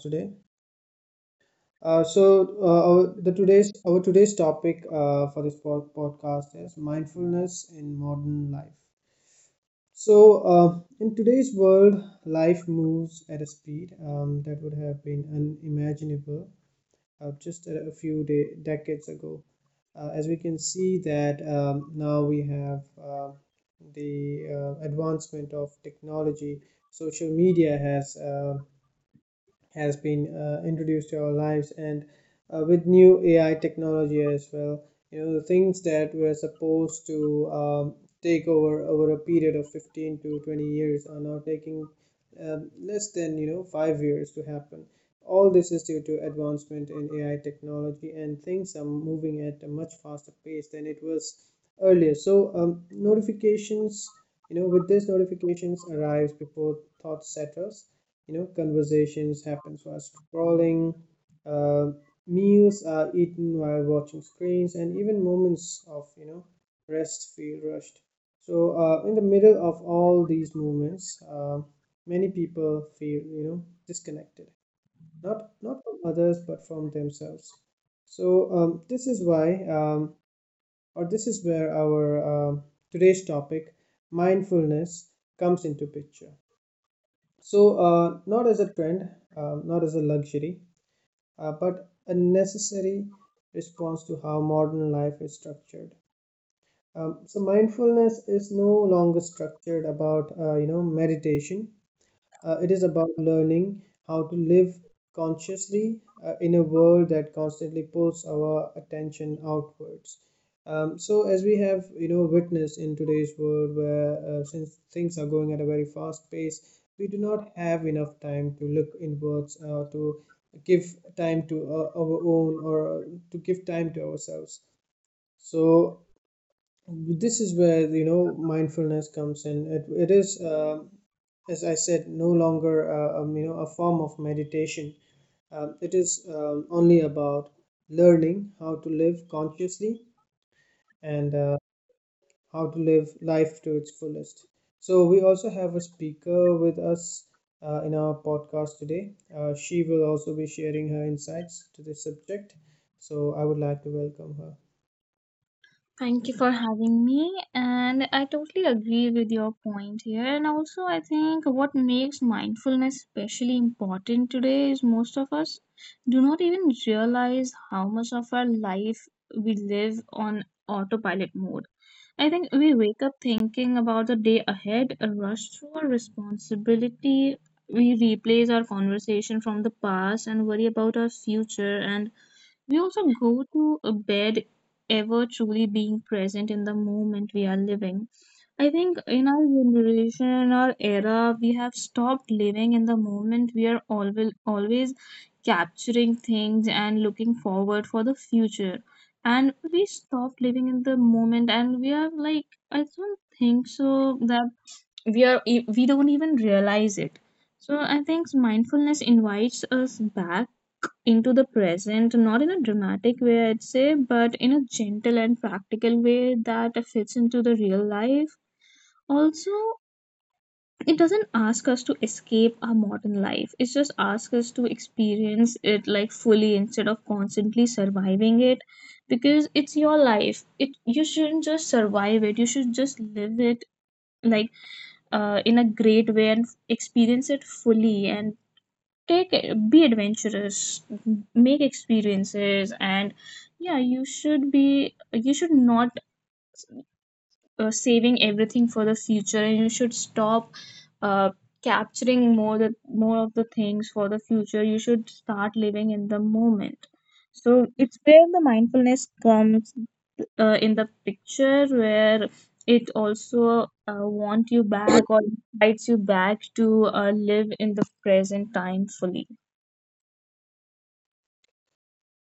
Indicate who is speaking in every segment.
Speaker 1: Today. Uh, so uh, our, the today's our today's topic for this podcast is mindfulness in modern life. So, in today's world, life moves at a speed that would have been unimaginable just a few decades ago. As we can see that, now we have the advancement of technology. Social media has been introduced to our lives, and with new AI technology as well. The things that were supposed to take over a period of 15 to 20 years are now taking less than, 5 years to happen. All this is due to advancement in AI technology, and things are moving at a much faster pace than it was earlier. So, notifications arrives before thought settles, conversations happens while scrolling, uh, meals are eaten while watching screens, and even moments of rest feel rushed. So, in the middle of all these movements, many people feel, disconnected, not from others but from themselves. So um, this is why um, this is where our um today's topic, mindfulness, comes into picture, not as a trend, not as a luxury, but a necessary response to how modern life is structured. So, mindfulness is no longer structured about, meditation. It is about learning how to live consciously, in a world that constantly pulls our attention outwards. So, as we have witnessed in today's world, where, since things are going at a very fast pace, we do not have enough time to look inwards, to give time to our own, or to give time to ourselves. So, this is where, mindfulness comes in. It is, as I said, no longer a form of meditation. It is only about learning how to live consciously, and how to live life to its fullest. So we also have a speaker with us, in our podcast today. She will also be sharing her insights to this subject. So I would like to welcome her.
Speaker 2: Thank you for having me. And I totally agree with your point here. And also, I think what makes mindfulness especially important today is most of us do not even realize how much of our life we live on autopilot mode. I think we wake up thinking about the day ahead, a rush through our responsibility. We replace our conversation from the past and worry about our future, and we also go to a bed ever truly being present in the moment we are living. I think in our generation, in our era, we have stopped living in the moment. We are always capturing things and looking forward for the future. And we stopped living in the moment, and we are like, I don't think so that we are we don't even realize it. So I think mindfulness invites us back into the present, not in a dramatic way, I'd say, but in a gentle and practical way that fits into the real life. Also, it doesn't ask us to escape our modern life, it just asks us to experience it like fully instead of constantly surviving it, because it's your life. It you shouldn't just survive it, you should just live it like in a great way and experience it fully and take it, be adventurous, make experiences, and yeah, you should be, you should not saving everything for the future, and you should stop uh, capturing more the more of the things for the future. You should start living in the moment. So it's where the mindfulness comes in the picture, where it also want you back or invites you back to live in the present time fully.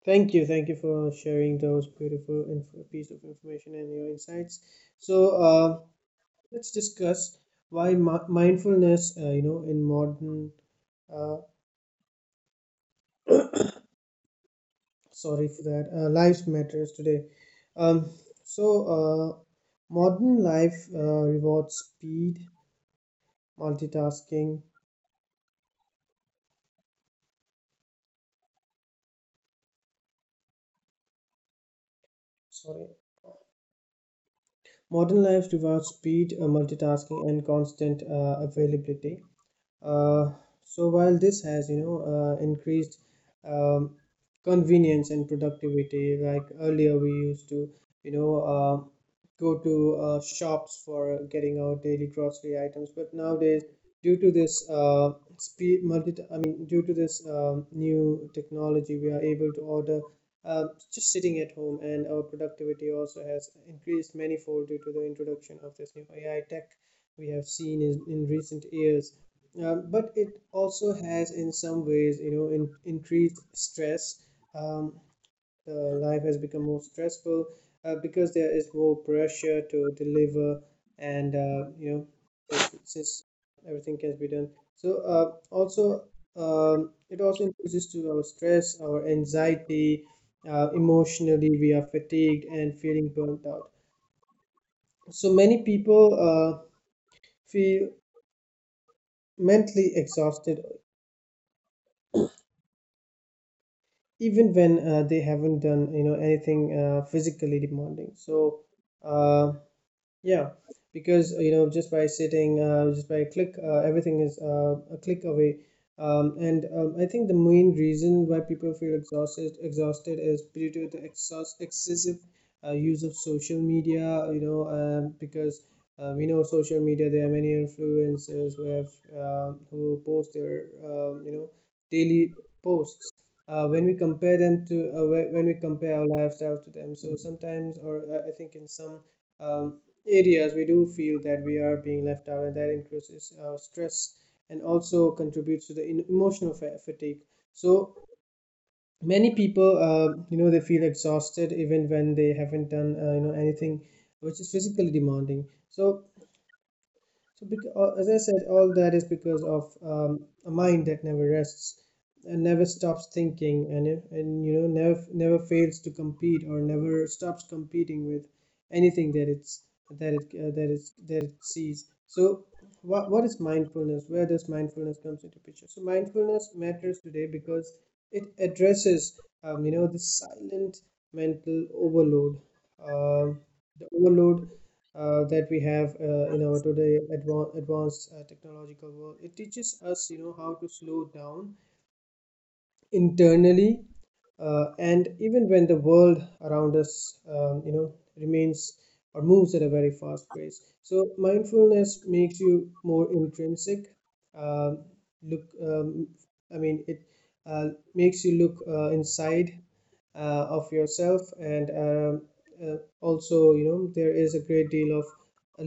Speaker 1: Thank you, for sharing those beautiful piece of information and your insights. So, uh, let's discuss why mindfulness, in modern, uh, sorry for that, lives matters today. Um, so, uh, modern life rewards speed, multitasking. Sorry, modern life rewards speed, multitasking, and constant availability. Uh, so while this has, increased um, convenience and productivity. Like earlier, we used to, you know, uh, go to shops for getting our daily grocery items, but nowadays, due to this I mean, due to this new technology, we are able to order, uh, just sitting at home, and our productivity also has increased manifold due to the introduction of this new AI tech we have seen in recent years, but it also has, in some ways, increased stress. Um, Life has become more stressful, because there is more pressure to deliver, and because since everything can be done. So, also, it also increases to our stress, our anxiety. Emotionally, we are fatigued and feeling burnt out. So many people feel mentally exhausted even when, they haven't done anything physically demanding. So uh, yeah, because, just by sitting, just by a click, everything is a click away. And I think the main reason why people feel exhausted is due to the excessive use of social media. Because, we know social media, there are many influencers who have who post their daily posts. When we compare our lifestyle to them, so sometimes, or I think in some um, areas we do feel that we are being left out, and that increases our stress and also contributes to the emotional fatigue. So many people, they feel exhausted even when they haven't done anything which is physically demanding. So, because, as I said, all that is because of a mind that never rests and never stops thinking, and never fails to compete, or never stops competing with anything that it sees. So, what is mindfulness? Where does mindfulness comes into picture? So, mindfulness matters today because it addresses the silent mental overload, um the overload that we have in our today advanced technological world. It teaches us, how to slow down internally, and even when the world around us remains or moves at a very fast pace. So mindfulness makes you more intrinsic, um, look I mean, it uh, makes you look inside of yourself. And also there is a great deal of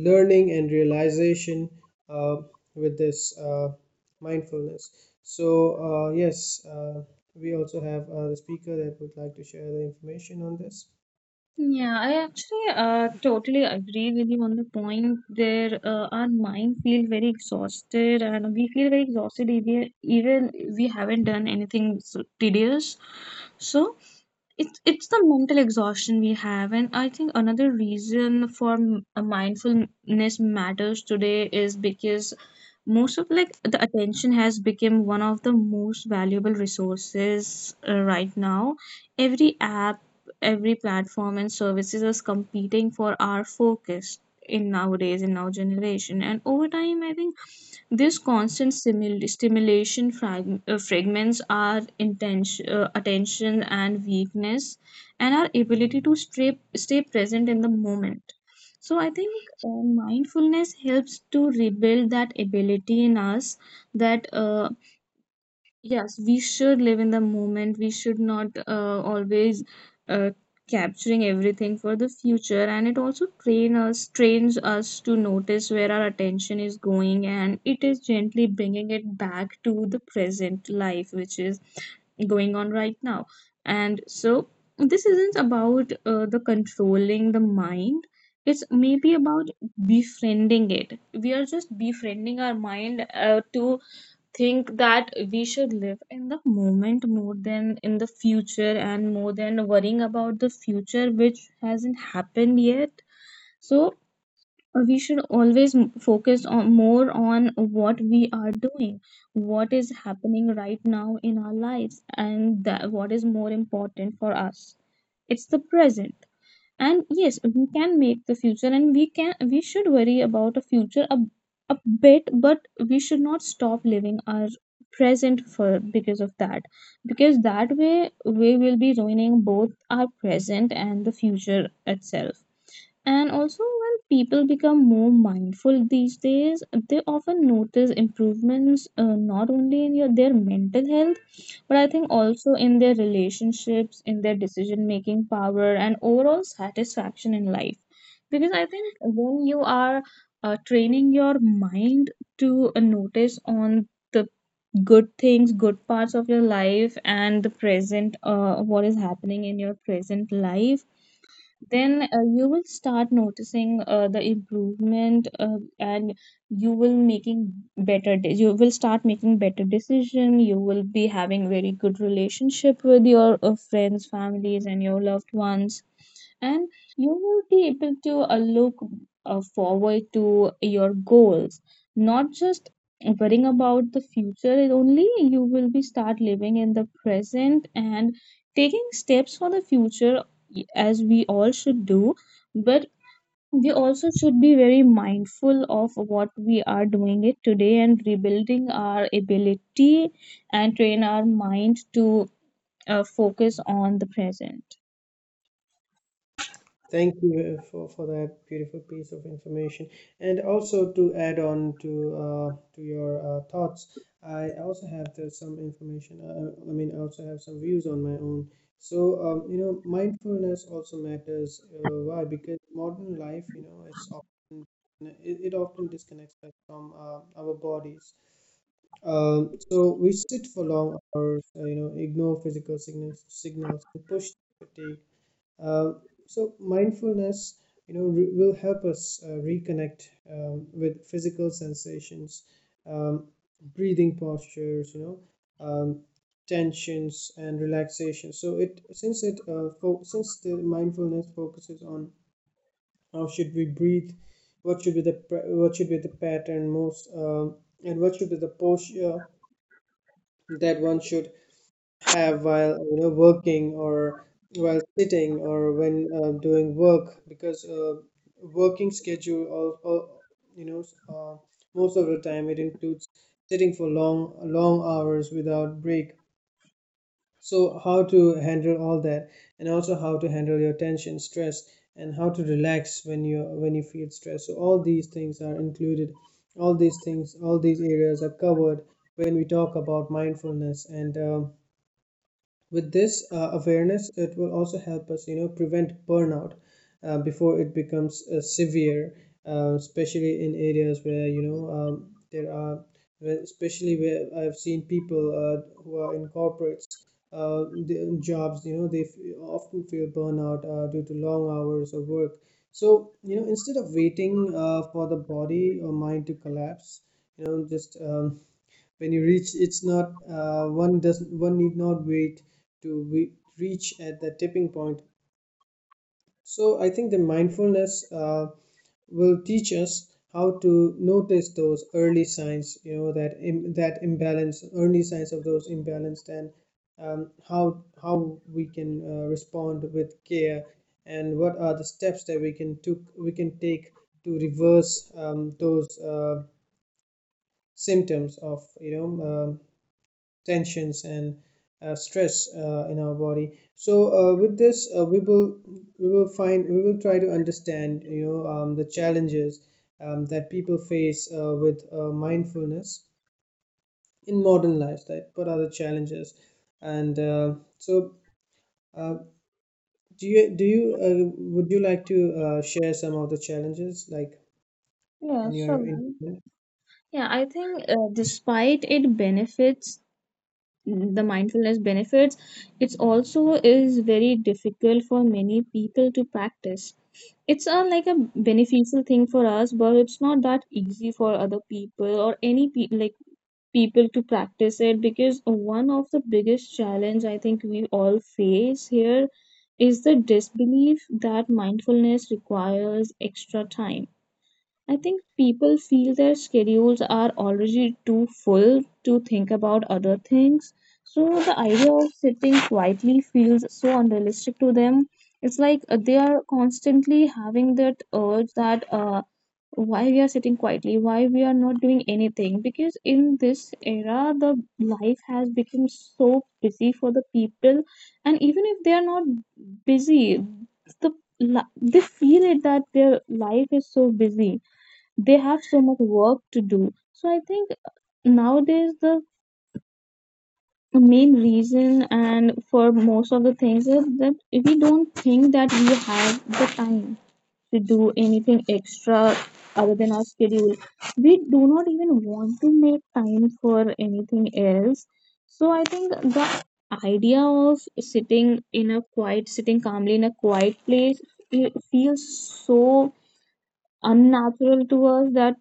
Speaker 1: learning and realization uh, with this mindfulness. So, yes, we also have the speaker that would like to share the information on this.
Speaker 2: Yeah, I actually totally agree with you on the point there. Our mind feel very exhausted, and we feel very exhausted even we haven't done anything so tedious. So it's the mental exhaustion we have, and I think another reason for a mindfulness matters today is because most of like the attention has become one of the most valuable resources right now. Every app, every platform and services is competing for our focus in nowadays in our generation. And over time, I think this constant stimulation fragments our intention, attention and weakness and our ability to stay, stay present in the moment. So, I think mindfulness helps to rebuild that ability in us, that yes, we should live in the moment. We should not always uh, capturing everything for the future. And it also train us, trains us to notice where our attention is going, and it is gently bringing it back to the present life, which is going on right now. And so this isn't about the controlling the mind. It's maybe about befriending it. We are just befriending our mind to think that we should live in the moment more than in the future and more than worrying about the future, which hasn't happened yet. So we should always focus on more on what we are doing, what is happening right now in our lives, and that what is more important for us. It's the present. And yes, we can make the future and we can, we should worry about a future a bit, but we should not stop living our present for because of that, because that way we will be ruining both our present and the future itself. And also, when people become more mindful these days, they often notice improvements not only in your, their mental health, but I think also in their relationships, in their decision making power, and overall satisfaction in life. Because I think when you are training your mind to notice on the good things, good parts of your life, and the present, what is happening in your present life, then you will start noticing the improvement, and you will making better you will start making better decision. You will be having very good relationship with your friends, families and your loved ones, and you will be able to look forward to your goals, not just worrying about the future only. You will be start living in the present and taking steps for the future, as we all should do, but we also should be very mindful of what we are doing it today and rebuilding our ability and train our mind to focus on the present.
Speaker 1: Thank you for that beautiful piece of information. And also to add on to your thoughts, I also have some information. I mean, I also have some views on my own. So, mindfulness also matters. Why? Because modern life, it often disconnects us from our bodies. So we sit for long hours, ignore physical signals, and push fatigue. Um, so mindfulness, will help us reconnect with physical sensations, um, breathing postures, um, tensions and relaxation. So it since it fo- Since the mindfulness focuses on how should we breathe, what should be the pattern most, and what should be the posture that one should have while working, or while sitting, or when doing work. Because working schedule of you know uh, most of the time, it includes sitting for long hours without break. So how to handle all that, and also how to handle your tension, stress, and how to relax when you feel stressed. So all these things, all these areas are covered when we talk about mindfulness. And with this awareness, it will also help us prevent burnout before it becomes severe, especially in areas where especially where I've seen people who are in corporates, uh, the jobs, they often feel burnout due to long hours of work. So instead of waiting for the body or mind to collapse. You know just when you reach it's not One need not wait to we reach at the tipping point. So I think the mindfulness will teach us how to notice those early signs, that imbalance, early signs of those imbalance, and how we can respond with care, and what are the steps that we can take to reverse those symptoms of tensions and stress in our body. So, with this we will try to understand, the challenges that people face with mindfulness in modern life. Like, what are the challenges? And so uh, do you would you like to share some of the challenges like
Speaker 2: Yeah,
Speaker 1: on your—
Speaker 2: sure. Yeah, I think despite it benefits, the mindfulness benefits, it's also is very difficult for many people to practice. It's a like a beneficial thing for us, but it's not that easy for other people or any like people to practice it, because one of the biggest challenge I think we all face here is the disbelief that mindfulness requires extra time. I think people feel their schedules are already too full to think about other things. So the idea of sitting quietly feels so unrealistic to them. It's like they are constantly having that urge that why we are sitting quietly, why we are not doing anything. Because in this era, the life has become so busy for the people, and even if they are not busy, the they feel it that their life is so busy, they have so much work to do. So I think nowadays the main reason and for most of the things is that we don't think that we have the time to do anything extra other than our schedule. We do not even want to make time for anything else. So I think the idea of sitting calmly in a quiet place, it feels so unnatural to us that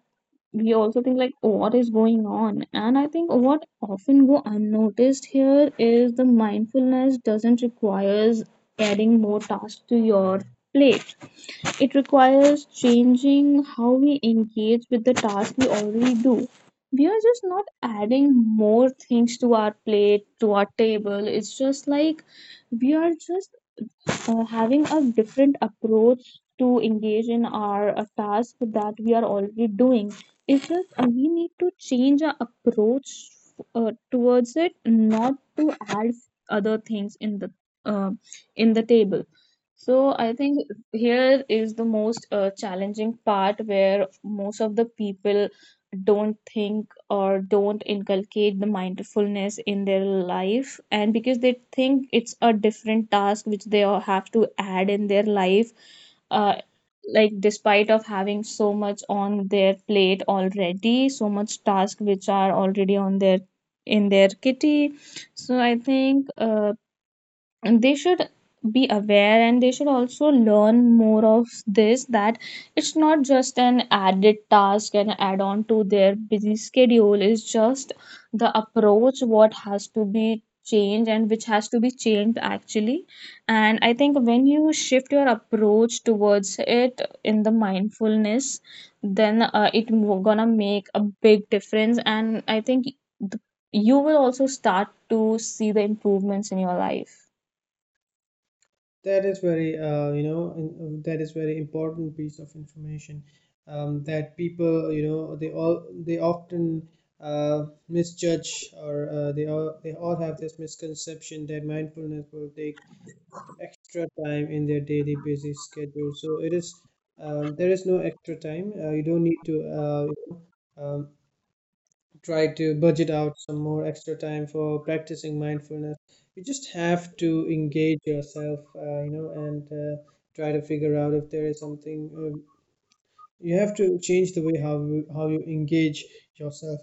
Speaker 2: we also think like, "Oh, what is going on?" And I think what often go unnoticed here is the mindfulness doesn't requires adding more tasks to your plate. It requires changing how we engage with the task we already do. We are just not adding more things to our plate, to our table. It's just like we are just having a different approach to engage in our task that we are already doing. It's just we need to change our approach towards it, not to add other things uh, in the table. So I think here is the most challenging part where most of the people don't think or don't inculcate the mindfulness in their life, and because they think it's a different task which they all have to add in their life uh, like despite of having so much on their plate already, so much task which are already on their in their kitty. So I think and they should be aware and they should also learn more of this, that it's not just an added task and add on to their busy schedule. It's just the approach what has to be changed and which has to be changed actually. And I think when you shift your approach towards it in the mindfulness, then it gonna make a big difference, and I think the, you will also start to see the improvements in your life.
Speaker 1: That is very, that is very important piece of information, that people, they often misjudge, or they all have this misconception that mindfulness will take extra time in their daily busy schedule. So it is There is no extra time. You don't need to uh, um, try to budget out some more extra time for practicing mindfulness. You just have to engage yourself, and try to figure out if there is something. You have to change the way how you engage yourself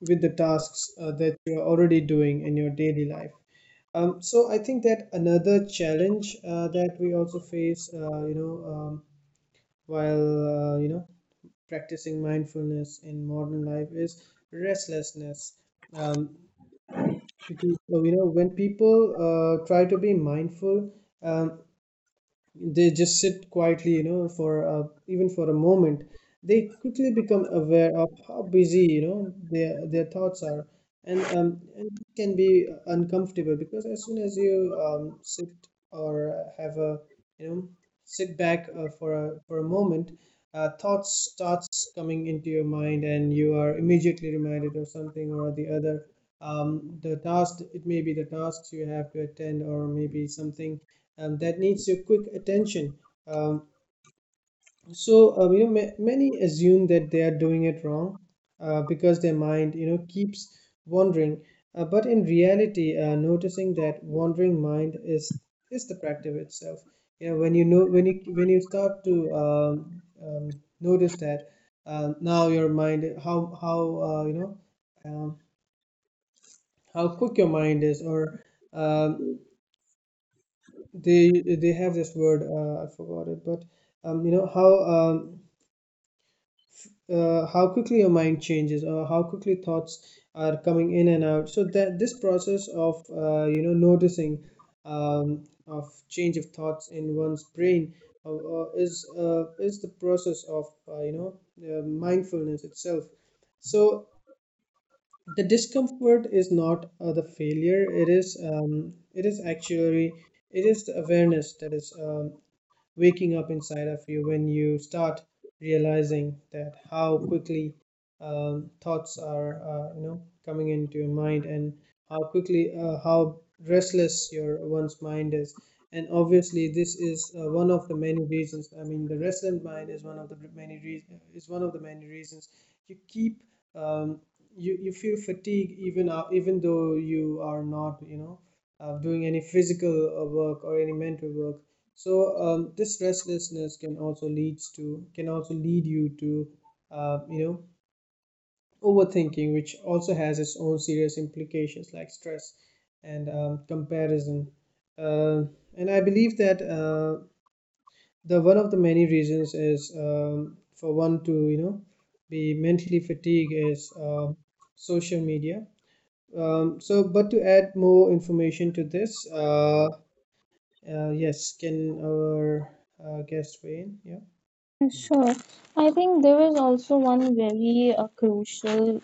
Speaker 1: with the tasks that you're already doing in your daily life. So I think that another challenge that we also face, while practicing mindfulness in modern life is restlessness. Um, because when people try to be mindful um, they just sit quietly, for a, even for a moment, they quickly become aware of how busy, their thoughts are, and it can be uncomfortable because as soon as you sit or have a, you know, sit back for a moment, thoughts starts coming into your mind, and you are immediately reminded of something or the other. The task, it may be the tasks you have to attend, or maybe something that needs your quick attention. Um, so many assume that they are doing it wrong because their mind keeps wandering. But in reality, noticing that wandering mind is the practice itself. When you start to notice that now your mind um, how quick your mind is, or um, they they have this word I forgot it, but um, you know how um, how quickly your mind changes, or how quickly thoughts are coming in and out. So that this process of noticing of change of thoughts in one's brain is the process of mindfulness itself. So the discomfort is not the failure. It is actually it is the awareness that is waking up inside of you when you start realizing that how quickly thoughts are coming into your mind, and how quickly how restless your one's mind is. And obviously this is one of the many reasons, I mean the restless mind is one of the many reasons, you keep um, you feel fatigue even even though you are not doing any physical work or any mental work. So this restlessness can also lead you to uh, you know overthinking, which also has its own serious implications like stress and comparison, uh, and I believe that the one of the many reasons is for one to be mentally fatigued is social media. So but to add more information to this, yes, can our guest weigh in? Yeah.
Speaker 2: Sure. I think there is also one very crucial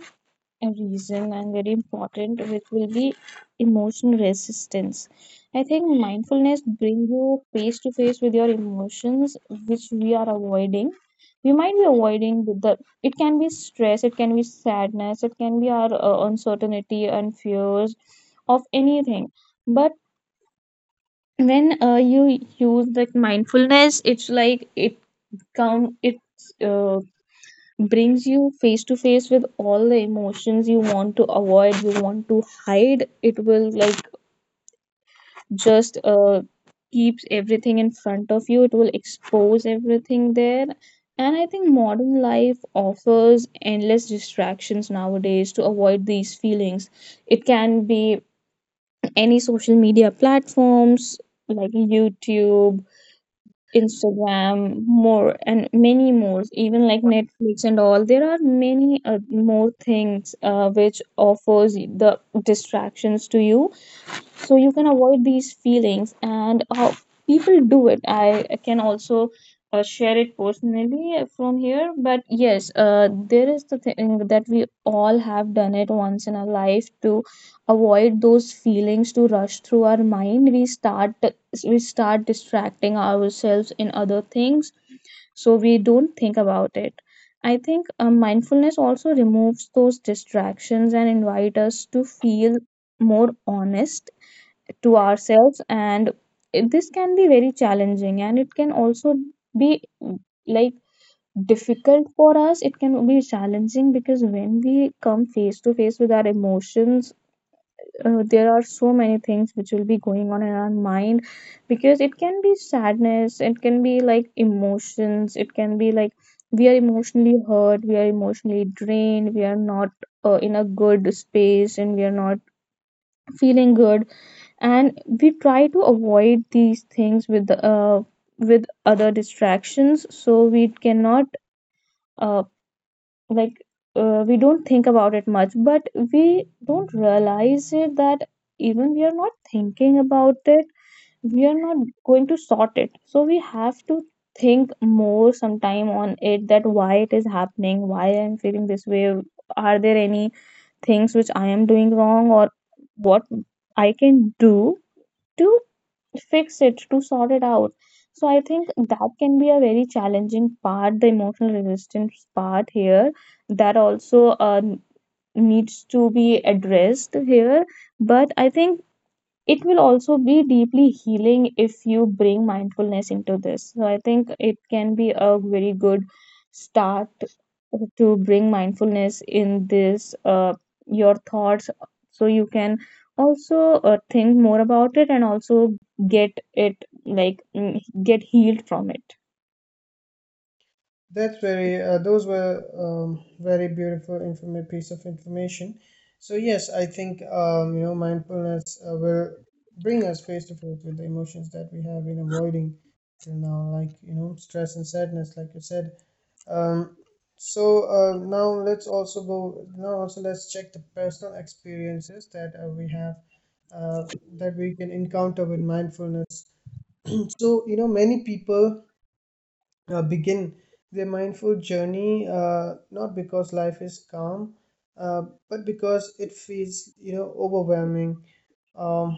Speaker 2: reason and very important, which will be emotional resistance. I think mindfulness brings you face to face with your emotions, which we are avoiding. We might be avoiding with the, it can be stress, it can be sadness, it can be our uncertainty and fears of anything. But when you use like mindfulness, it's like it come, it brings you face to face with all the emotions you want to avoid, you want to hide. It will like just keeps everything in front of you. It will expose everything there. And I think modern life offers endless distractions nowadays to avoid these feelings. It can be any social media platforms like YouTube, Instagram, more and many more, even like Netflix and all. There are many more things which offers the distractions to you so you can avoid these feelings. And how people do it, I can also share it personally from here. But yes, there is the thing that we all have done it once in our life. To avoid those feelings to rush through our mind, we start distracting ourselves in other things so we don't think about it. I think mindfulness also removes those distractions and invite us to feel more honest to ourselves. And this can be very challenging, and it can also be mm, like difficult for us. It can be challenging because when we come face to face with our emotions, there are so many things which will be going on in our mind. Because it can be sadness, it can be like emotions, it can be like we are emotionally hurt, we are emotionally drained, we are not in a good space and we are not feeling good, and we try to avoid these things with the with other distractions so we cannot uh, like we don't think about it much. But we don't realize it that even we are not thinking about it, we are not going to sort it. So we have to think more sometime on it, that why it is happening, why I am feeling this way, are there any things which I am doing wrong, or what I can do to fix it, to sort it out. So I think that can be a very challenging part, the emotional resistance part here, that also needs to be addressed here. But I think it will also be deeply healing if you bring mindfulness into this. So I think it can be a very good start to bring mindfulness in this your thoughts, so you can also think more about it and also get it like get healed from it.
Speaker 1: That's very, those were very beautiful piece of information. So yes, I think mindfulness will bring us face to face with the emotions that we have been avoiding till now, like stress and sadness, like you said. Um, so now let's also go. Now also let's check the personal experiences that we have uh, that we can encounter with mindfulness. So many people begin their mindful journey not because life is calm, uh, but because it feels overwhelming. um,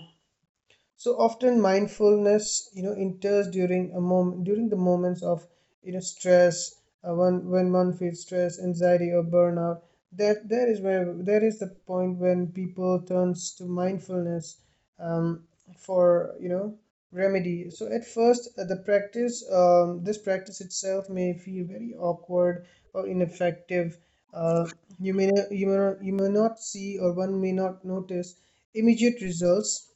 Speaker 1: so often mindfulness enters during a moment during the moments of stress, when one feels stress, anxiety or burnout, that there is where there is the point when people turns to mindfulness um, for remedy. So at first, the practice this practice itself may feel very awkward or ineffective. uh, you may not see, or one may not notice immediate results,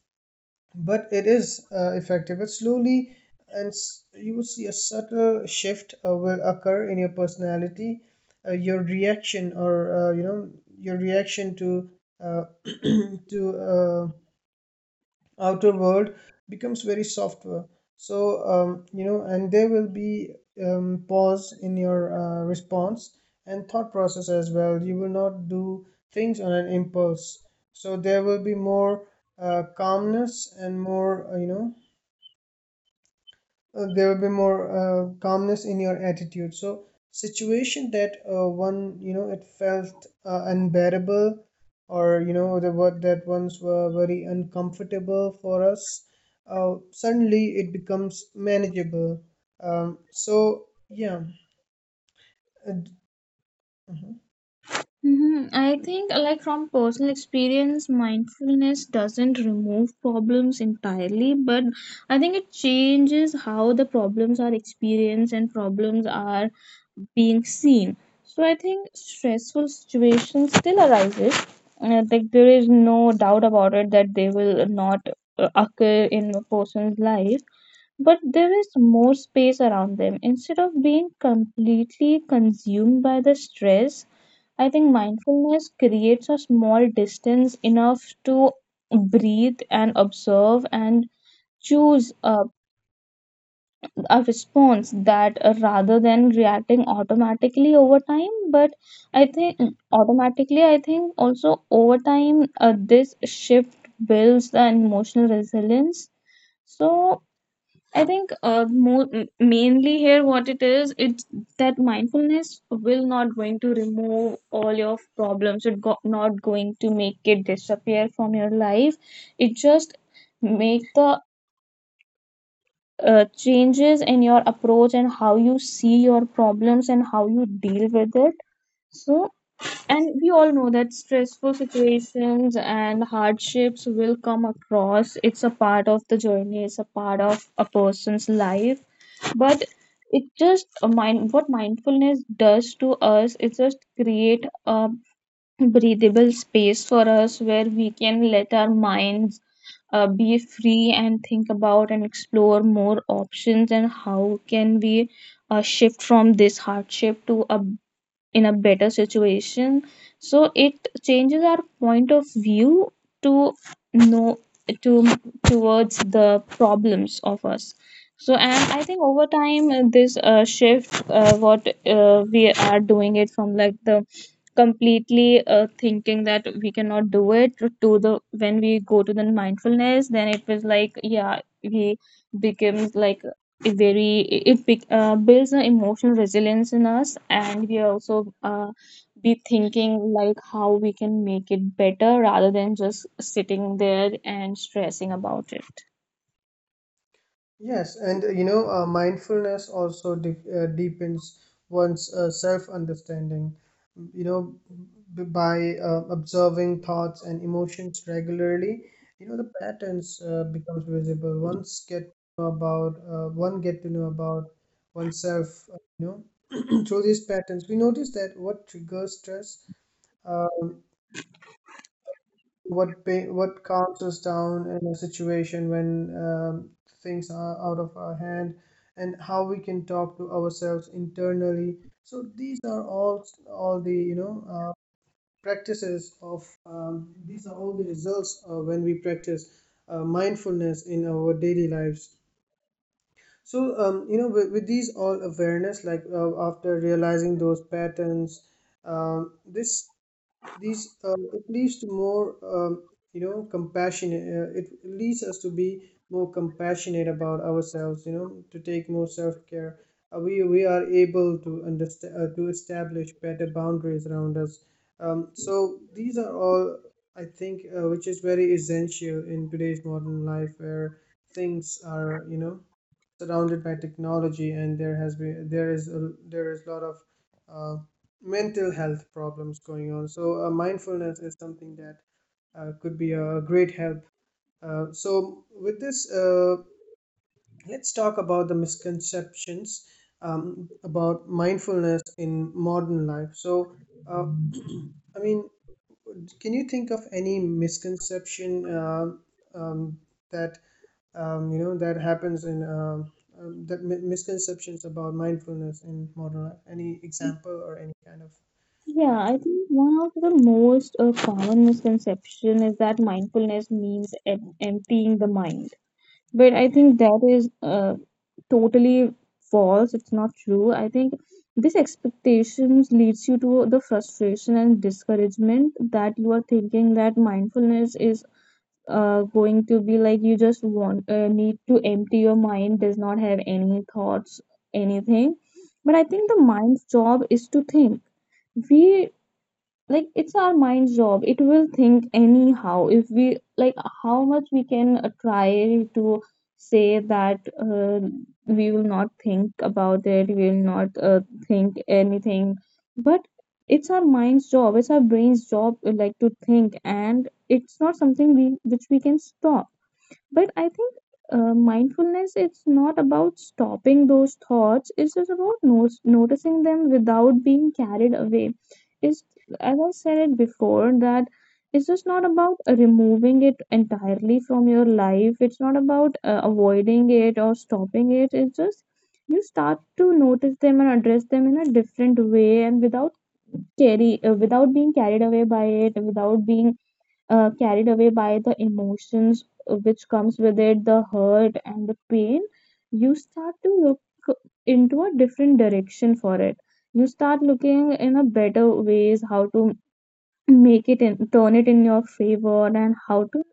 Speaker 1: but it is effective. But slowly, you will see a subtle shift will occur in your personality, your reaction, or your reaction to uh, to uh, outer world becomes very softer. So and there will be pause in your response and thought process as well. You will not do things on an impulse. So there will be more calmness and more you know there will be more calmness in your attitude. So situation that one you know it felt unbearable, or the what that ones were very uncomfortable for us, suddenly it becomes manageable. um, so yeah uh,
Speaker 2: Hmm. I think, like from personal experience, mindfulness doesn't remove problems entirely, but I think it changes how the problems are experienced and problems are being seen. So I think stressful situations still arises. And I there is no doubt about it that they will not occur in a person's life, but there is more space around them. Instead of being completely consumed by the stress, I think mindfulness creates a small distance enough to breathe and observe and choose a response that rather than reacting automatically over time. But I think automatically, I think also over time, this shift builds the emotional resilience. So I think more mainly here what it is, it's that mindfulness will not going to remove all your problems. It not going to make it disappear from your life. It just make the changes in your approach and how you see your problems and how you deal with it. So, and we all know that stressful situations and hardships will come across. It's a part of the journey. It's a part of a person's life. But it just a mind, what mindfulness does to us, it just create a breathable space for us where we can let our minds be free and think about and explore more options and how can we shift from this hardship to a in a better situation. So it changes our point of view to know to towards the problems of us. So, and I think over time this shift what we are doing it from like the completely thinking that we cannot do it to the when we go to the mindfulness, then it was like, yeah, we becomes like it very it builds an emotional resilience in us, and we also be thinking like how we can make it better rather than just sitting there and stressing about it.
Speaker 1: Yes, and mindfulness also deepens one's self-understanding. You know, by observing thoughts and emotions regularly, the patterns becomes visible. Once get to know about one get to know about oneself. Uh, you through these patterns, we notice that what triggers stress, uh, what what calms us down in a situation when things are out of our hand, and how we can talk to ourselves internally. So these are all the practices of these are all the results when we practice mindfulness in our daily lives. So with these all awareness, like after realizing those patterns, this these it leads to more compassion. It leads us to be more compassionate about ourselves, to take more self-care. We are able to establish better boundaries around us. So these are all, I think, which is very essential in today's modern life, where things are surrounded by technology, and there is a lot of uh, mental health problems going on. So mindfulness is something that could be a great help. Uh, so with this, let's talk about the misconceptions about mindfulness in modern life. So uh, I mean, can you think of any misconception um um, that you know that happens in that misconceptions about mindfulness in modern life, any example or any kind of?
Speaker 2: Yeah,
Speaker 1: uh,
Speaker 2: I think one of the most common misconception is that mindfulness means emptying the mind. But I think that is totally false. It's not true. I think these expectations leads you to the frustration and discouragement, that you are thinking that mindfulness is going to be like you just want need to empty your mind, does not have any thoughts, anything. But I think the mind's job is to think. We, like, it's our mind's job, it will think anyhow, if we like how much we can try to say that uh, we will not think about it, we will not think anything. But it's our mind's job, it's our brain's job like to think, and it's not something we which we can stop. But I think mindfulness, it's not about stopping those thoughts, it's just about noticing them without being carried away. It's, as I said it before, that it's just not about removing it entirely from your life. It's not about avoiding it or stopping it. It's just you start to notice them and address them in a different way, and without carry without being carried away by it, without being carried away by the emotions which comes with it, the hurt and the pain. You start to look into a different direction for it. You start looking in a better ways how to make it in, turn it in your favor, and how to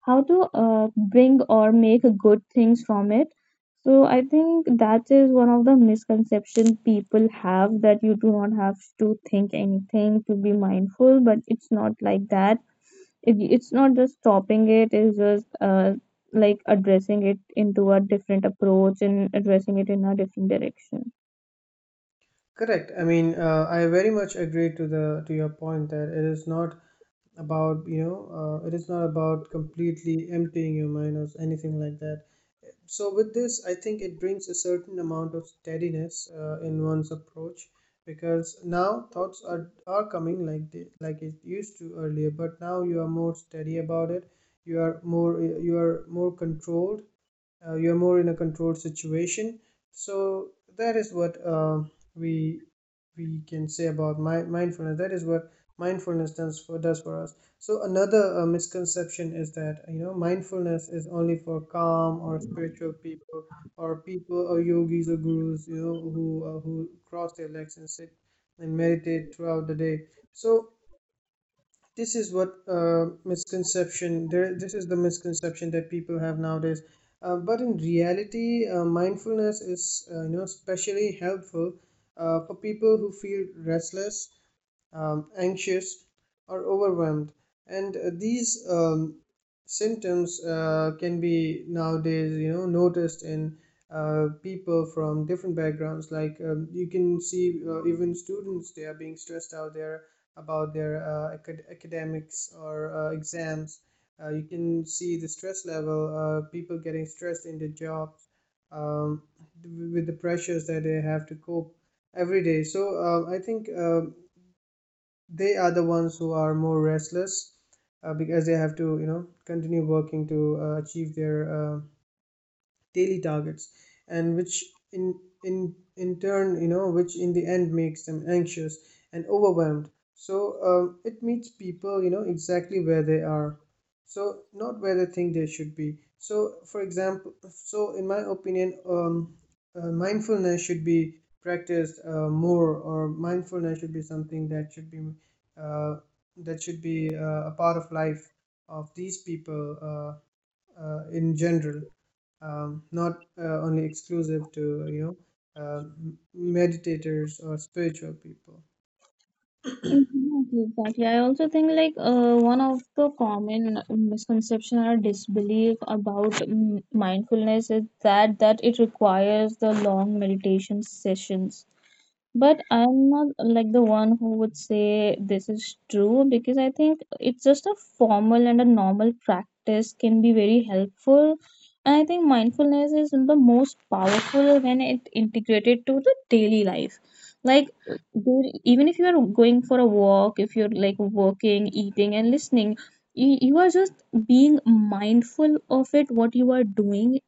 Speaker 2: how to uh, bring or make good things from it. So I think that is one of the misconception people have, that you do not have to think anything to be mindful. But it's not like that. It's not just stopping it. It's just like addressing it into a different approach and addressing it in a different direction.
Speaker 1: Correct. I mean, I very much agree to your point that it is not about it is not about completely emptying your mind or anything like that. So with this, I think it brings a certain amount of steadiness in one's approach, because now thoughts are coming like they, like it used to earlier, but now you are more steady about it. You are more controlled, you're more in a controlled situation. So that is what we we can say about my mindfulness, that is what mindfulness does for us. So another misconception is that, mindfulness is only for calm or spiritual people, or yogis or gurus, who cross their legs and sit and meditate throughout the day. So this is what misconception there this is the misconception that people have nowadays. But in reality, mindfulness is especially helpful for people who feel restless, anxious, or overwhelmed. And these symptoms can be nowadays, noticed in people from different backgrounds. Like you can see, even students, they are being stressed out there about their academics or exams. You can see the stress level, people getting stressed in their jobs um, with the pressures that they have to cope every day. So I think they are the ones who are more restless because they have to continue working to achieve their daily targets, and which in in turn which in the end makes them anxious and overwhelmed. So it meets people exactly where they are, so not where they think they should be. So for example, so in my opinion, mindfulness should be practiced more, or mindfulness should be something that should be uh, a part of life of these people, in general, not only exclusive to you meditators or spiritual people.
Speaker 2: Exactly, exactly. I also think like one of the common misconception or disbelief about mindfulness is that that it requires the long meditation sessions. But I'm not like the one who would say this is true, because I think it's just a formal and a normal practice can be very helpful. And I think mindfulness is the most powerful when it integrated to the daily life. Like, dude, even if you are going for a walk, if you're like working, eating, and listening, you are just being mindful of it, what you are doing.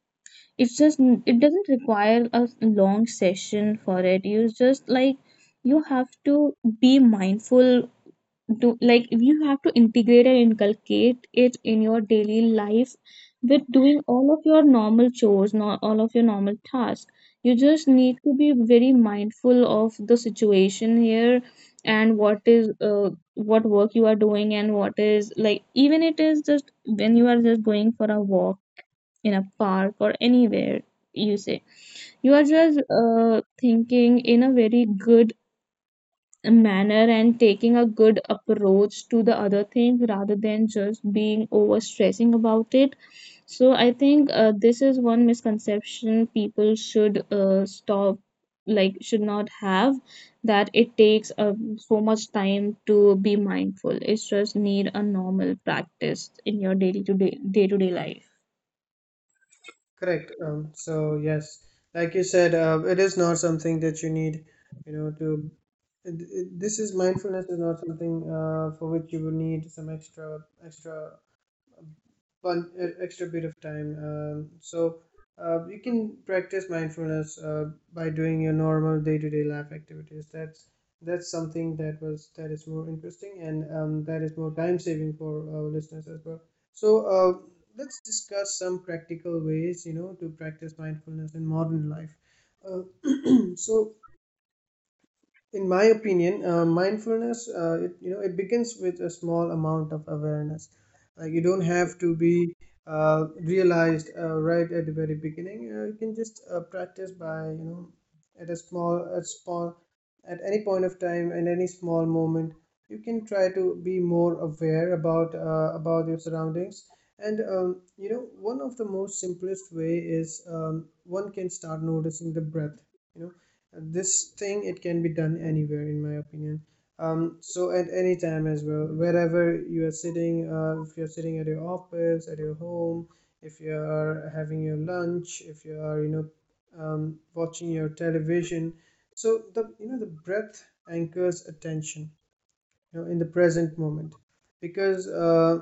Speaker 2: It's just, it doesn't require a long session for it. You just like, you have to be mindful, do like you have to integrate and inculcate it in your daily life with doing all of your normal chores, not all of your normal tasks. You just need to be very mindful of the situation here and what is what work you are doing, and what is like, even it is just when you are just going for a walk in a park or anywhere, you say, you are just thinking in a very good manner and taking a good approach to the other thing rather than just being over stressing about it. So I think this is one misconception people should stop, like should not have, that it takes so much time to be mindful. It's just need a normal practice in your daily to day life.
Speaker 1: Correct. So yes, like you said, it is not something that you need, to. This is, mindfulness is not something for which you will need some extra one extra bit of time. You can practice mindfulness by doing your normal day-to-day life activities. That's something that was that is more interesting, and that is more time saving for our listeners as well. So let's discuss some practical ways to practice mindfulness in modern life. Uh, so in my opinion, mindfulness, it, you know it begins with a small amount of awareness. You don't have to be realized right at the very beginning. You can just practice by, you know, at a small, at any point of time, and any small moment you can try to be more aware about, about your surroundings. And, you know, one of the most simplest way is, one can start noticing the breath, you know, this thing, it can be done anywhere, in my opinion, so at any time as well, wherever you are sitting. If you're sitting at your office, at your home, if you are having your lunch, if you are, watching your television. So the, the breath anchors attention, you know, in the present moment. Because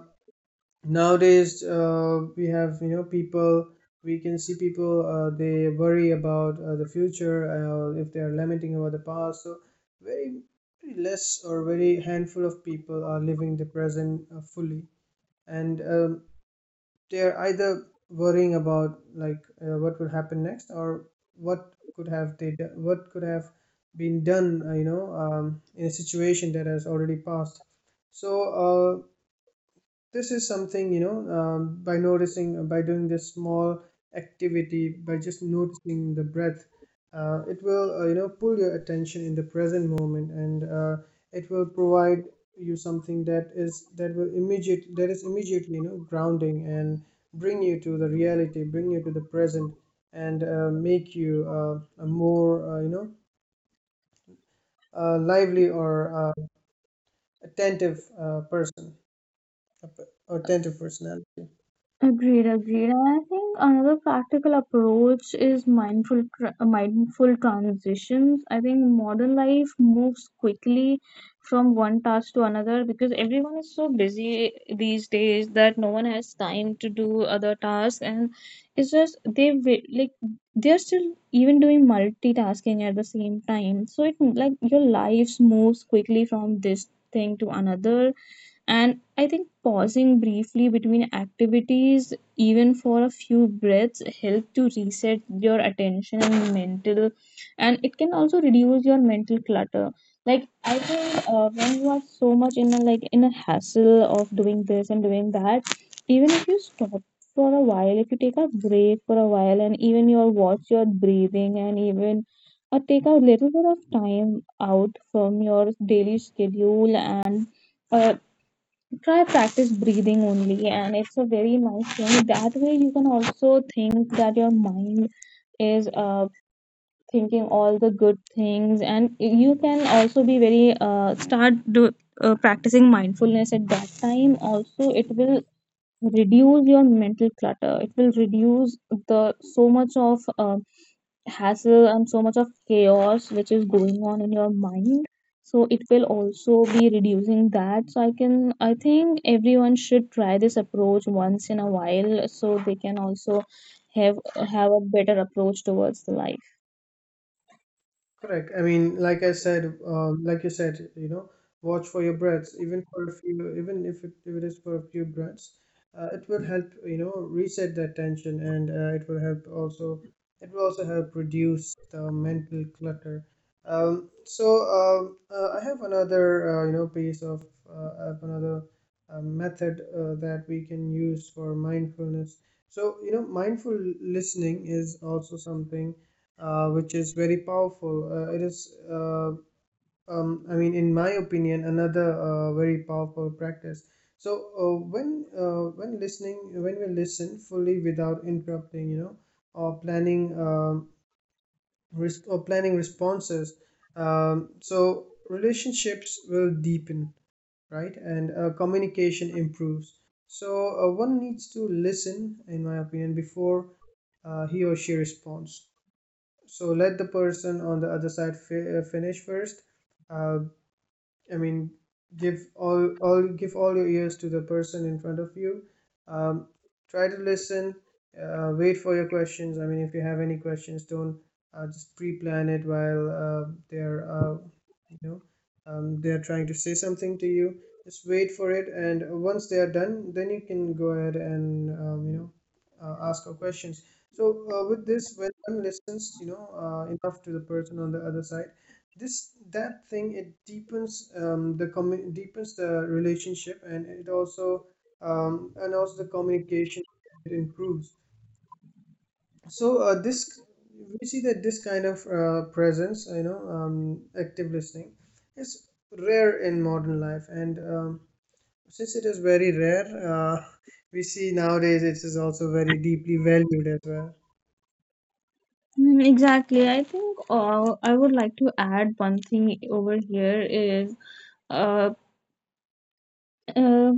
Speaker 1: nowadays, we have, you know, people, we can see people, they worry about the future, if they are lamenting about the past. So very, very less, or very handful of people are living the present fully. And, they are either worrying about, like, what will happen next, or what could have been done, in a situation that has already passed. So uh, this is something, by noticing, by doing this small activity, by just noticing the breath, it will, you know, pull your attention in the present moment. And it will provide you something that is immediately, you know, grounding, and bring you to the reality, bring you to the present. And make you a more lively or uh, attentive person, a attentive personality.
Speaker 2: Agreed, agreed. And I think another practical approach is mindful transitions. I think modern life moves quickly from one task to another, because everyone is so busy these days that no one has time to do other tasks, and it's just they like they're still even doing multitasking at the same time. So it like your life moves quickly from this thing to another. And I think pausing briefly between activities, even for a few breaths, help to reset your attention and mental, and it can also reduce your mental clutter. Like, I think when you are so much in a like in a hassle of doing this and doing that, even if you stop for a while, if you take a break for a while, and even your watch your breathing, and even take a little bit of time out from your daily schedule and uh, try practice breathing only, and it's a very nice thing, that way you can also think that your mind is thinking all the good things, and you can also be very start practicing mindfulness at that time also. It will reduce your mental clutter, it will reduce the so much of hassle and so much of chaos which is going on in your mind. So it will also be reducing that. So I can, I think everyone should try this approach once in a while so they can also have have a better approach towards the life.
Speaker 1: Correct. I mean, like you said, you know, watch for your breaths, even for a few, even if it is for a few breaths, it will help, you know, reset that tension. And it will also help reduce the mental clutter. Um, so I have another, you know, piece of, I have another method that we can use for mindfulness. So, you know, mindful listening is also something which is very powerful. I mean, in my opinion, another very powerful practice. So when we listen fully, without interrupting, you know, or planning, or planning responses, so relationships will deepen, right, and communication improves. So one needs to listen, in my opinion, before he or she responds. So let the person on the other side finish first. uh, I mean, give all give all your ears to the person in front of you. Um, Try to listen. Wait for your questions. I mean, if you have any questions, don't just pre-plan it while they're you know they're trying to say something to you. Just wait for it, and once they are done, then you can go ahead and, ask your questions. So with this, when one listens, you know, enough to the person on the other side, this that thing, it deepens, deepens the relationship, and it also, and also the communication, it improves. So this, we see that this kind of presence, you know, active listening is rare in modern life, and, since it is very rare, we see nowadays it is also very deeply valued as well.
Speaker 2: Mm, exactly. I think I would like to add one thing over here is uh, uh,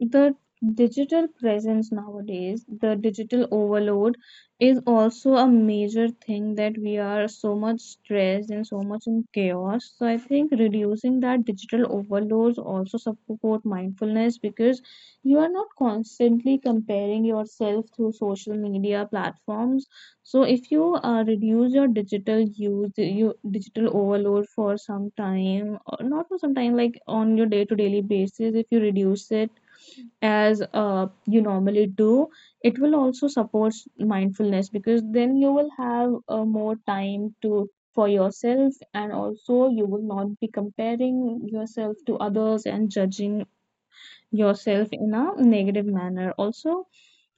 Speaker 2: the digital presence nowadays, the digital overload, is also a major thing that we are so much stressed and so much in chaos. So I think reducing that digital overloads also support mindfulness, because you are not constantly comparing yourself through social media platforms. So if you reduce your digital use, you digital overload for some time, or not for some time, like on your day to daily basis, if you reduce it as you normally do, it will also support mindfulness because then you will have more time to for yourself, and also you will not be comparing yourself to others and judging yourself in a negative manner. Also,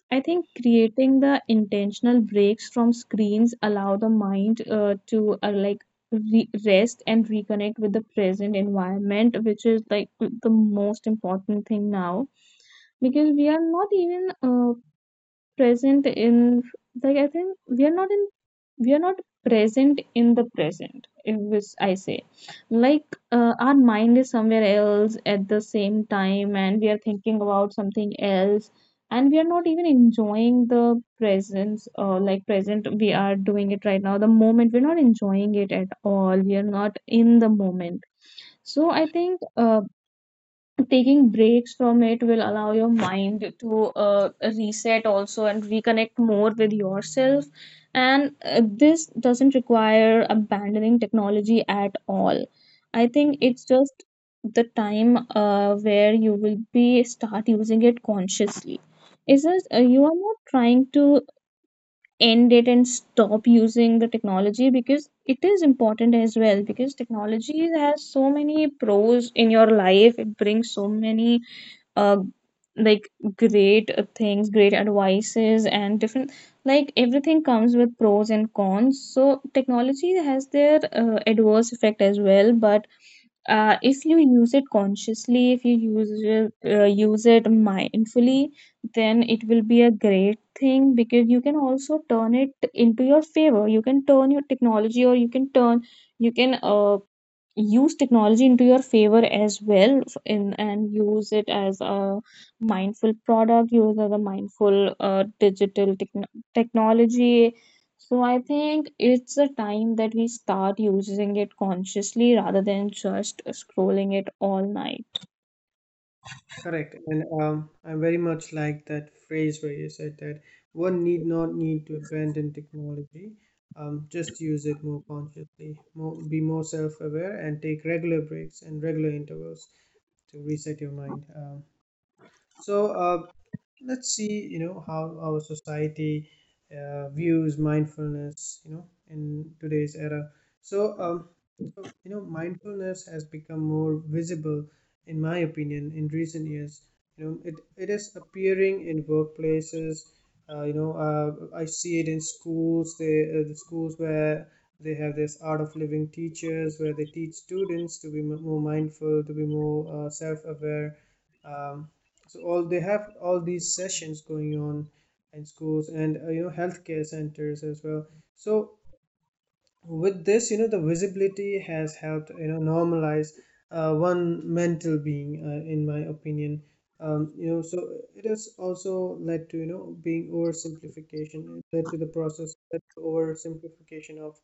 Speaker 2: I think creating the intentional breaks from screens allow the mind to like rest and reconnect with the present environment, which is like the most important thing now, because we are not even present in, like, I think we are not in, we are not present in the present. If it's, I say like Our mind is somewhere else at the same time, and we are thinking about something else, and we are not even enjoying the presence or, like, present we are doing it right now, the moment. We're not enjoying it at all, we are not in the moment. So I think taking breaks from it will allow your mind to reset also and reconnect more with yourself. And this doesn't require abandoning technology at all. I think it's just the time where you will be start using it consciously. It's just you are not trying to end it and stop using the technology, because it is important as well, because technology has so many pros in your life. It brings so many uh, like great things, great advices, and different, like, everything comes with pros and cons. So technology has their adverse effect as well, but if you use it consciously, if you use it mindfully, then it will be a great thing, because you can also turn it into your favor. You can turn your technology, or you can turn, you can use technology into your favor as well, in, and use it as a mindful product, use it as a mindful digital technology. So I think it's a time that we start using it consciously rather than just scrolling it all night.
Speaker 1: Correct. And, I very much like that phrase where you said that one need not need to abandon technology. Just use it more consciously, be more self aware, and take regular breaks and regular intervals to reset your mind. So, uh, let's see, you know, how our society views mindfulness, you know, in today's era. So um so you know, mindfulness has become more visible, in my opinion, in recent years. You know, it is appearing in workplaces, I see it in schools. The schools where they have this art of living teachers, where they teach students to be more mindful, to be more self-aware. Um, so all they have all these sessions going on in schools, and, you know, healthcare centers as well. So with this, you know, the visibility has helped, you know, normalize one mental being, in my opinion. You know, so it has also led to, you know being oversimplification, it led to the process led to oversimplification of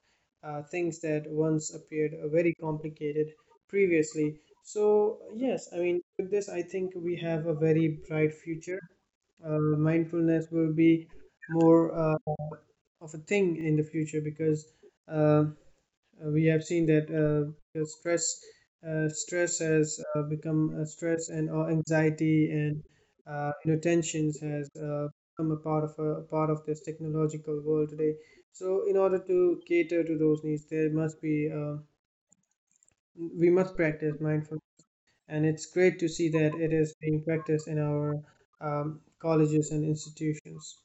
Speaker 1: things that once appeared very complicated previously. So yes, I mean, with this I think we have a very bright future. Mindfulness will be more of a thing in the future. Because uh, we have seen that the stress has become stress, and anxiety, and, you know, tensions has become a part of, part of this technological world today. So in order to cater to those needs, there must be we must practice mindfulness, and it's great to see that it is being practiced in our, colleges and institutions.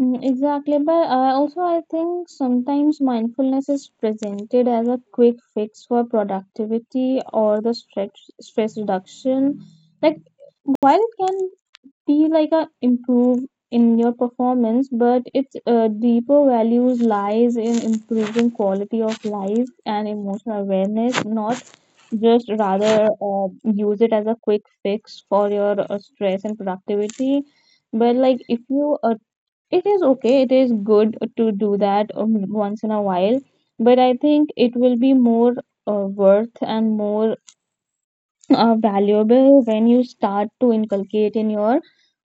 Speaker 2: Mm, exactly, but also I think sometimes mindfulness is presented as a quick fix for productivity or the stress reduction. Like, while it can feel like a improve in your performance, but its deeper values lies in improving quality of life and emotional awareness, not just rather use it as a quick fix for your stress and productivity. But, like, if you, it is okay, it is good to do that once in a while, but I think it will be more uh, worth and more valuable when you start to inculcate in your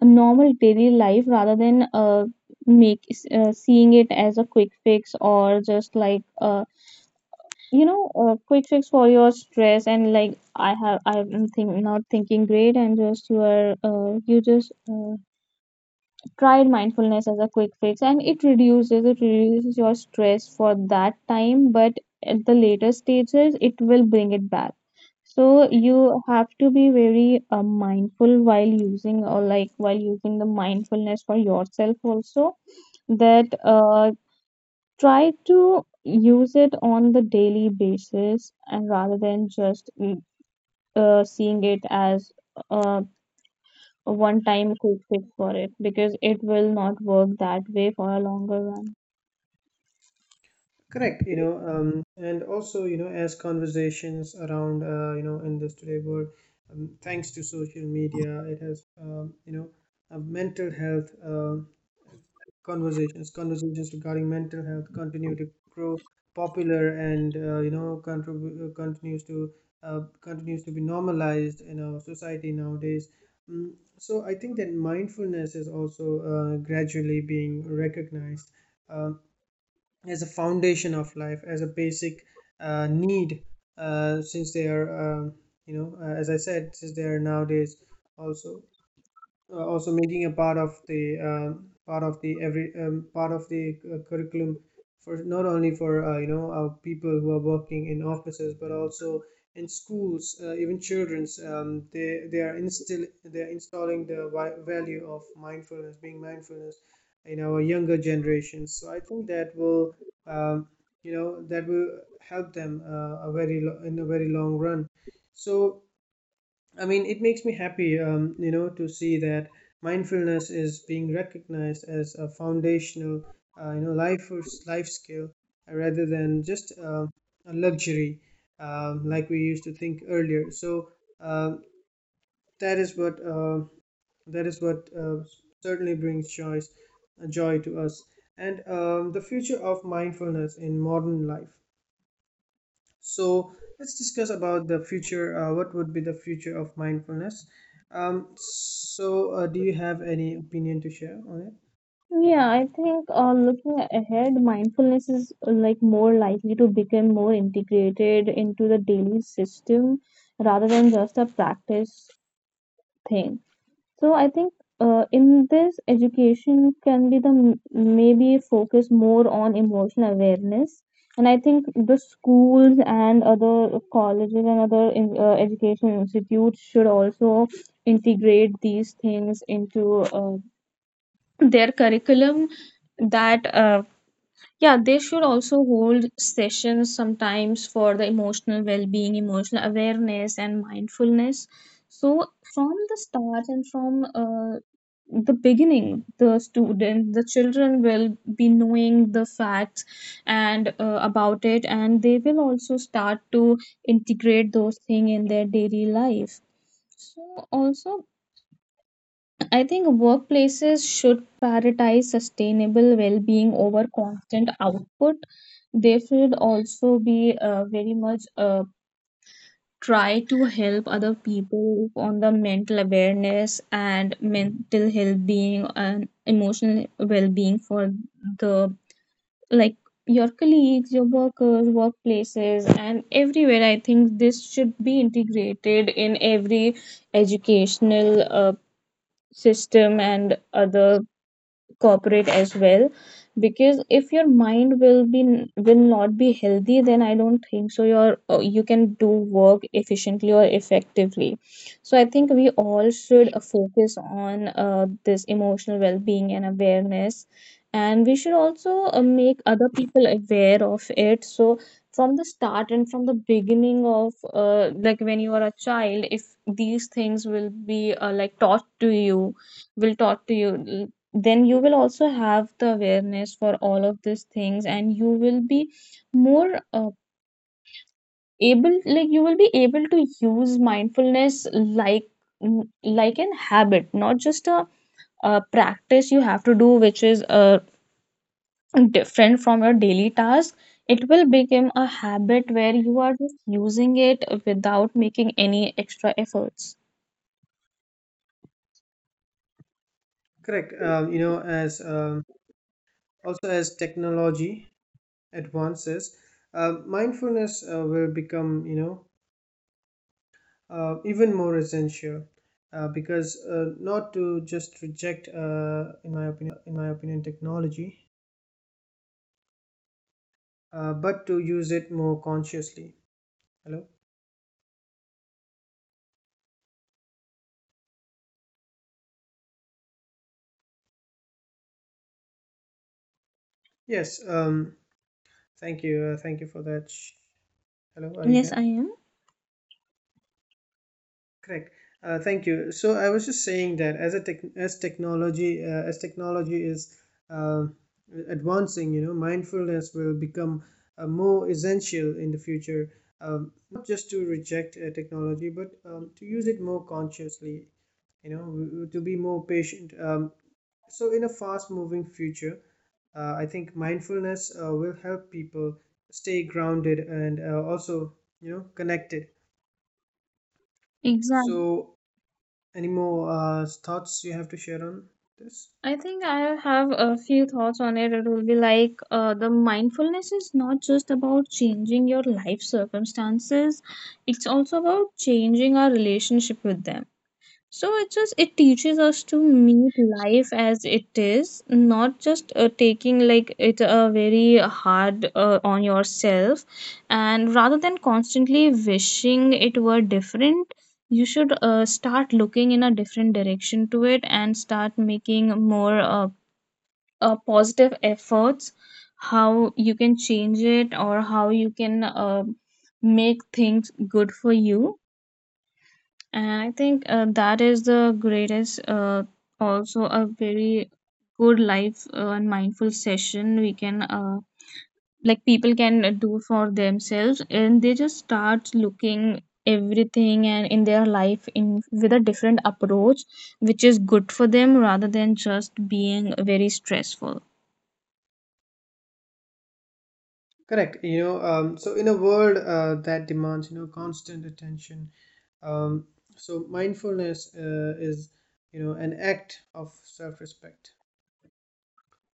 Speaker 2: a normal daily life rather than make seeing it as a quick fix, or just like a quick fix for your stress. And like, I have, not thinking great, and just you are you just tried mindfulness as a quick fix, and it reduces, it reduces your stress for that time, but at the later stages it will bring it back. So you have to be very mindful while using, or like while using the mindfulness for yourself also, that try to use it on the daily basis and rather than just seeing it as uh, a one time quick fix for it, because it will not work that way for a longer run.
Speaker 1: Correct. And also, you know, as conversations around, you know, in this today world, thanks to social media, it has, you know, mental health conversations, conversations regarding mental health continue to grow popular, and, you know, continues to be normalized in our society nowadays. So I think that mindfulness is also gradually being recognized. Um as a foundation of life, as a basic need, since they are, as I said, since they are nowadays also also making a part of the, part of the every part of the curriculum, for not only for you know, our people who are working in offices, but also in schools, even children's. They are instill they are installing the value of mindfulness in our younger generations. So I think that will, um, that will help them, in a very long run. So I mean, it makes me happy, you know, to see that mindfulness is being recognized as a foundational, you know, life skill, rather than just a luxury, like we used to think earlier. So um that is what uh, that is what certainly brings joy to us. And, the future of mindfulness in modern life. So let's discuss about the future. What would be the future of mindfulness? Do you have any opinion to share on it?
Speaker 2: Yeah, I think looking ahead, mindfulness is like more likely to become more integrated into the daily system rather than just a practice thing. So I think in this, education can be the maybe focus more on emotional awareness. And I think the schools and other colleges and other education institutes should also integrate these things into their curriculum, that yeah, they should also hold sessions sometimes for the emotional well-being, emotional awareness, and mindfulness, so from the start and from the beginning, the student, the children will be knowing the facts and about it, and they will also start to integrate those things in their daily life. So also I think workplaces should prioritize sustainable well-being over constant output. They should also be very much try to help other people on the mental awareness and mental health being and emotional well-being for the, like, your colleagues, your workers, workplaces, and everywhere. I think this should be integrated in every educational system and other cooperate as well, because if your mind will be, will not be healthy, then I don't think so your you can do work efficiently or effectively. So I think we all should focus on this emotional well-being and awareness, and we should also make other people aware of it. So from the start and from the beginning of like when you are a child, if these things will be like taught to you, will taught to you, then you will also have the awareness for all of these things, and you will be more able, like you will be able to use mindfulness like like an habit, not just a practice you have to do which is different from your daily task. It will become a habit where you are just using it without making any extra efforts.
Speaker 1: Correct. You know, as also as technology advances, mindfulness will become, you know, even more essential, because, not to just reject, in my opinion, technology, but to use it more consciously. Hello. Yes. Thank you. Thank you for that. Hello, are you
Speaker 2: Yes,
Speaker 1: there?
Speaker 2: I am.
Speaker 1: Correct. Thank you. So I was just saying that as a tech, as technology is uh, advancing, you know, mindfulness will become more essential in the future. Not just to reject technology, but, to use it more consciously. You know, to be more patient. So in a fast-moving future, I think mindfulness will help people stay grounded and, also, you know, connected.
Speaker 2: Exactly.
Speaker 1: So any more thoughts you have to share on this?
Speaker 2: I think I have a few thoughts on it. It will be like the mindfulness is not just about changing your life circumstances, it's also about changing our relationship with them. So it just, it teaches us to meet life as it is, not just taking, like, it very hard on yourself, and rather than constantly wishing it were different, you should start looking in a different direction to it and start making more positive efforts. How you can change it or how you can make things good for you. And I think that is the greatest, also a very good life and mindful session we can, like people can do for themselves, and they just start looking everything and in their life in with a different approach, which is good for them rather than just being very stressful.
Speaker 1: Correct. So in a world that demands, you know, constant attention, um, so mindfulness is, you know, an act of self-respect.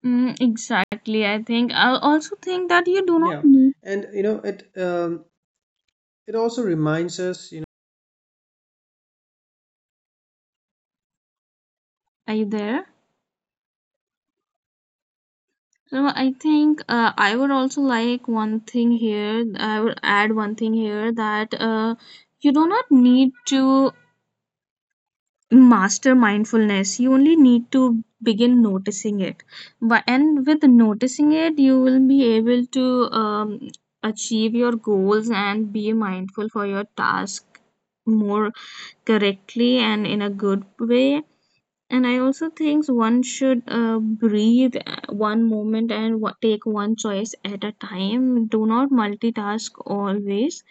Speaker 2: Mm, exactly. I think I also think that you do not
Speaker 1: Yeah.
Speaker 2: need.
Speaker 1: And you know it, it also reminds us you
Speaker 2: Are you there? So I think I would also like one thing here. I would add one thing here that you do not need to master mindfulness. You only need to begin noticing it. But and with noticing it, you will be able to achieve your goals and be mindful for your task more correctly and in a good way. And I also think one should breathe one moment and take one choice at a time. Do not multitask always.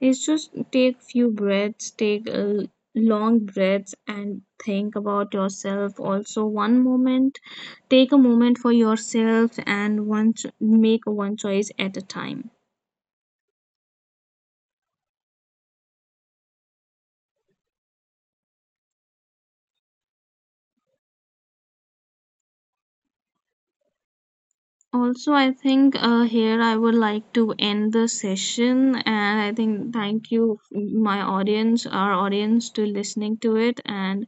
Speaker 2: It's just take few breaths, take long breaths, and think about yourself. Also, one moment, take a moment for yourself, and one make one choice at a time. Also, I think here I would like to end the session, and I think thank you, my audience, our audience, to listening to it, and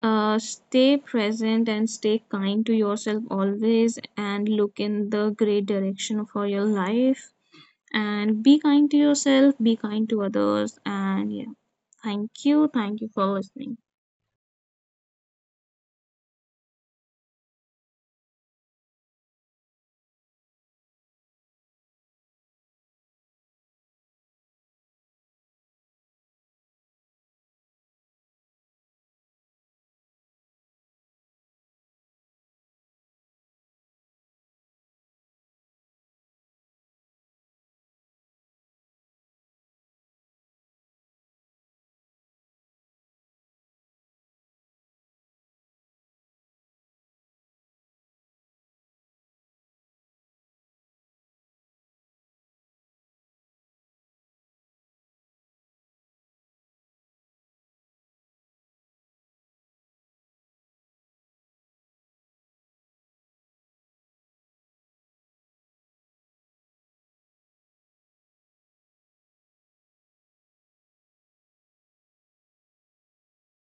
Speaker 2: stay present and stay kind to yourself always, and look in the great direction for your life, and be kind to yourself, be kind to others, and yeah, thank you for listening.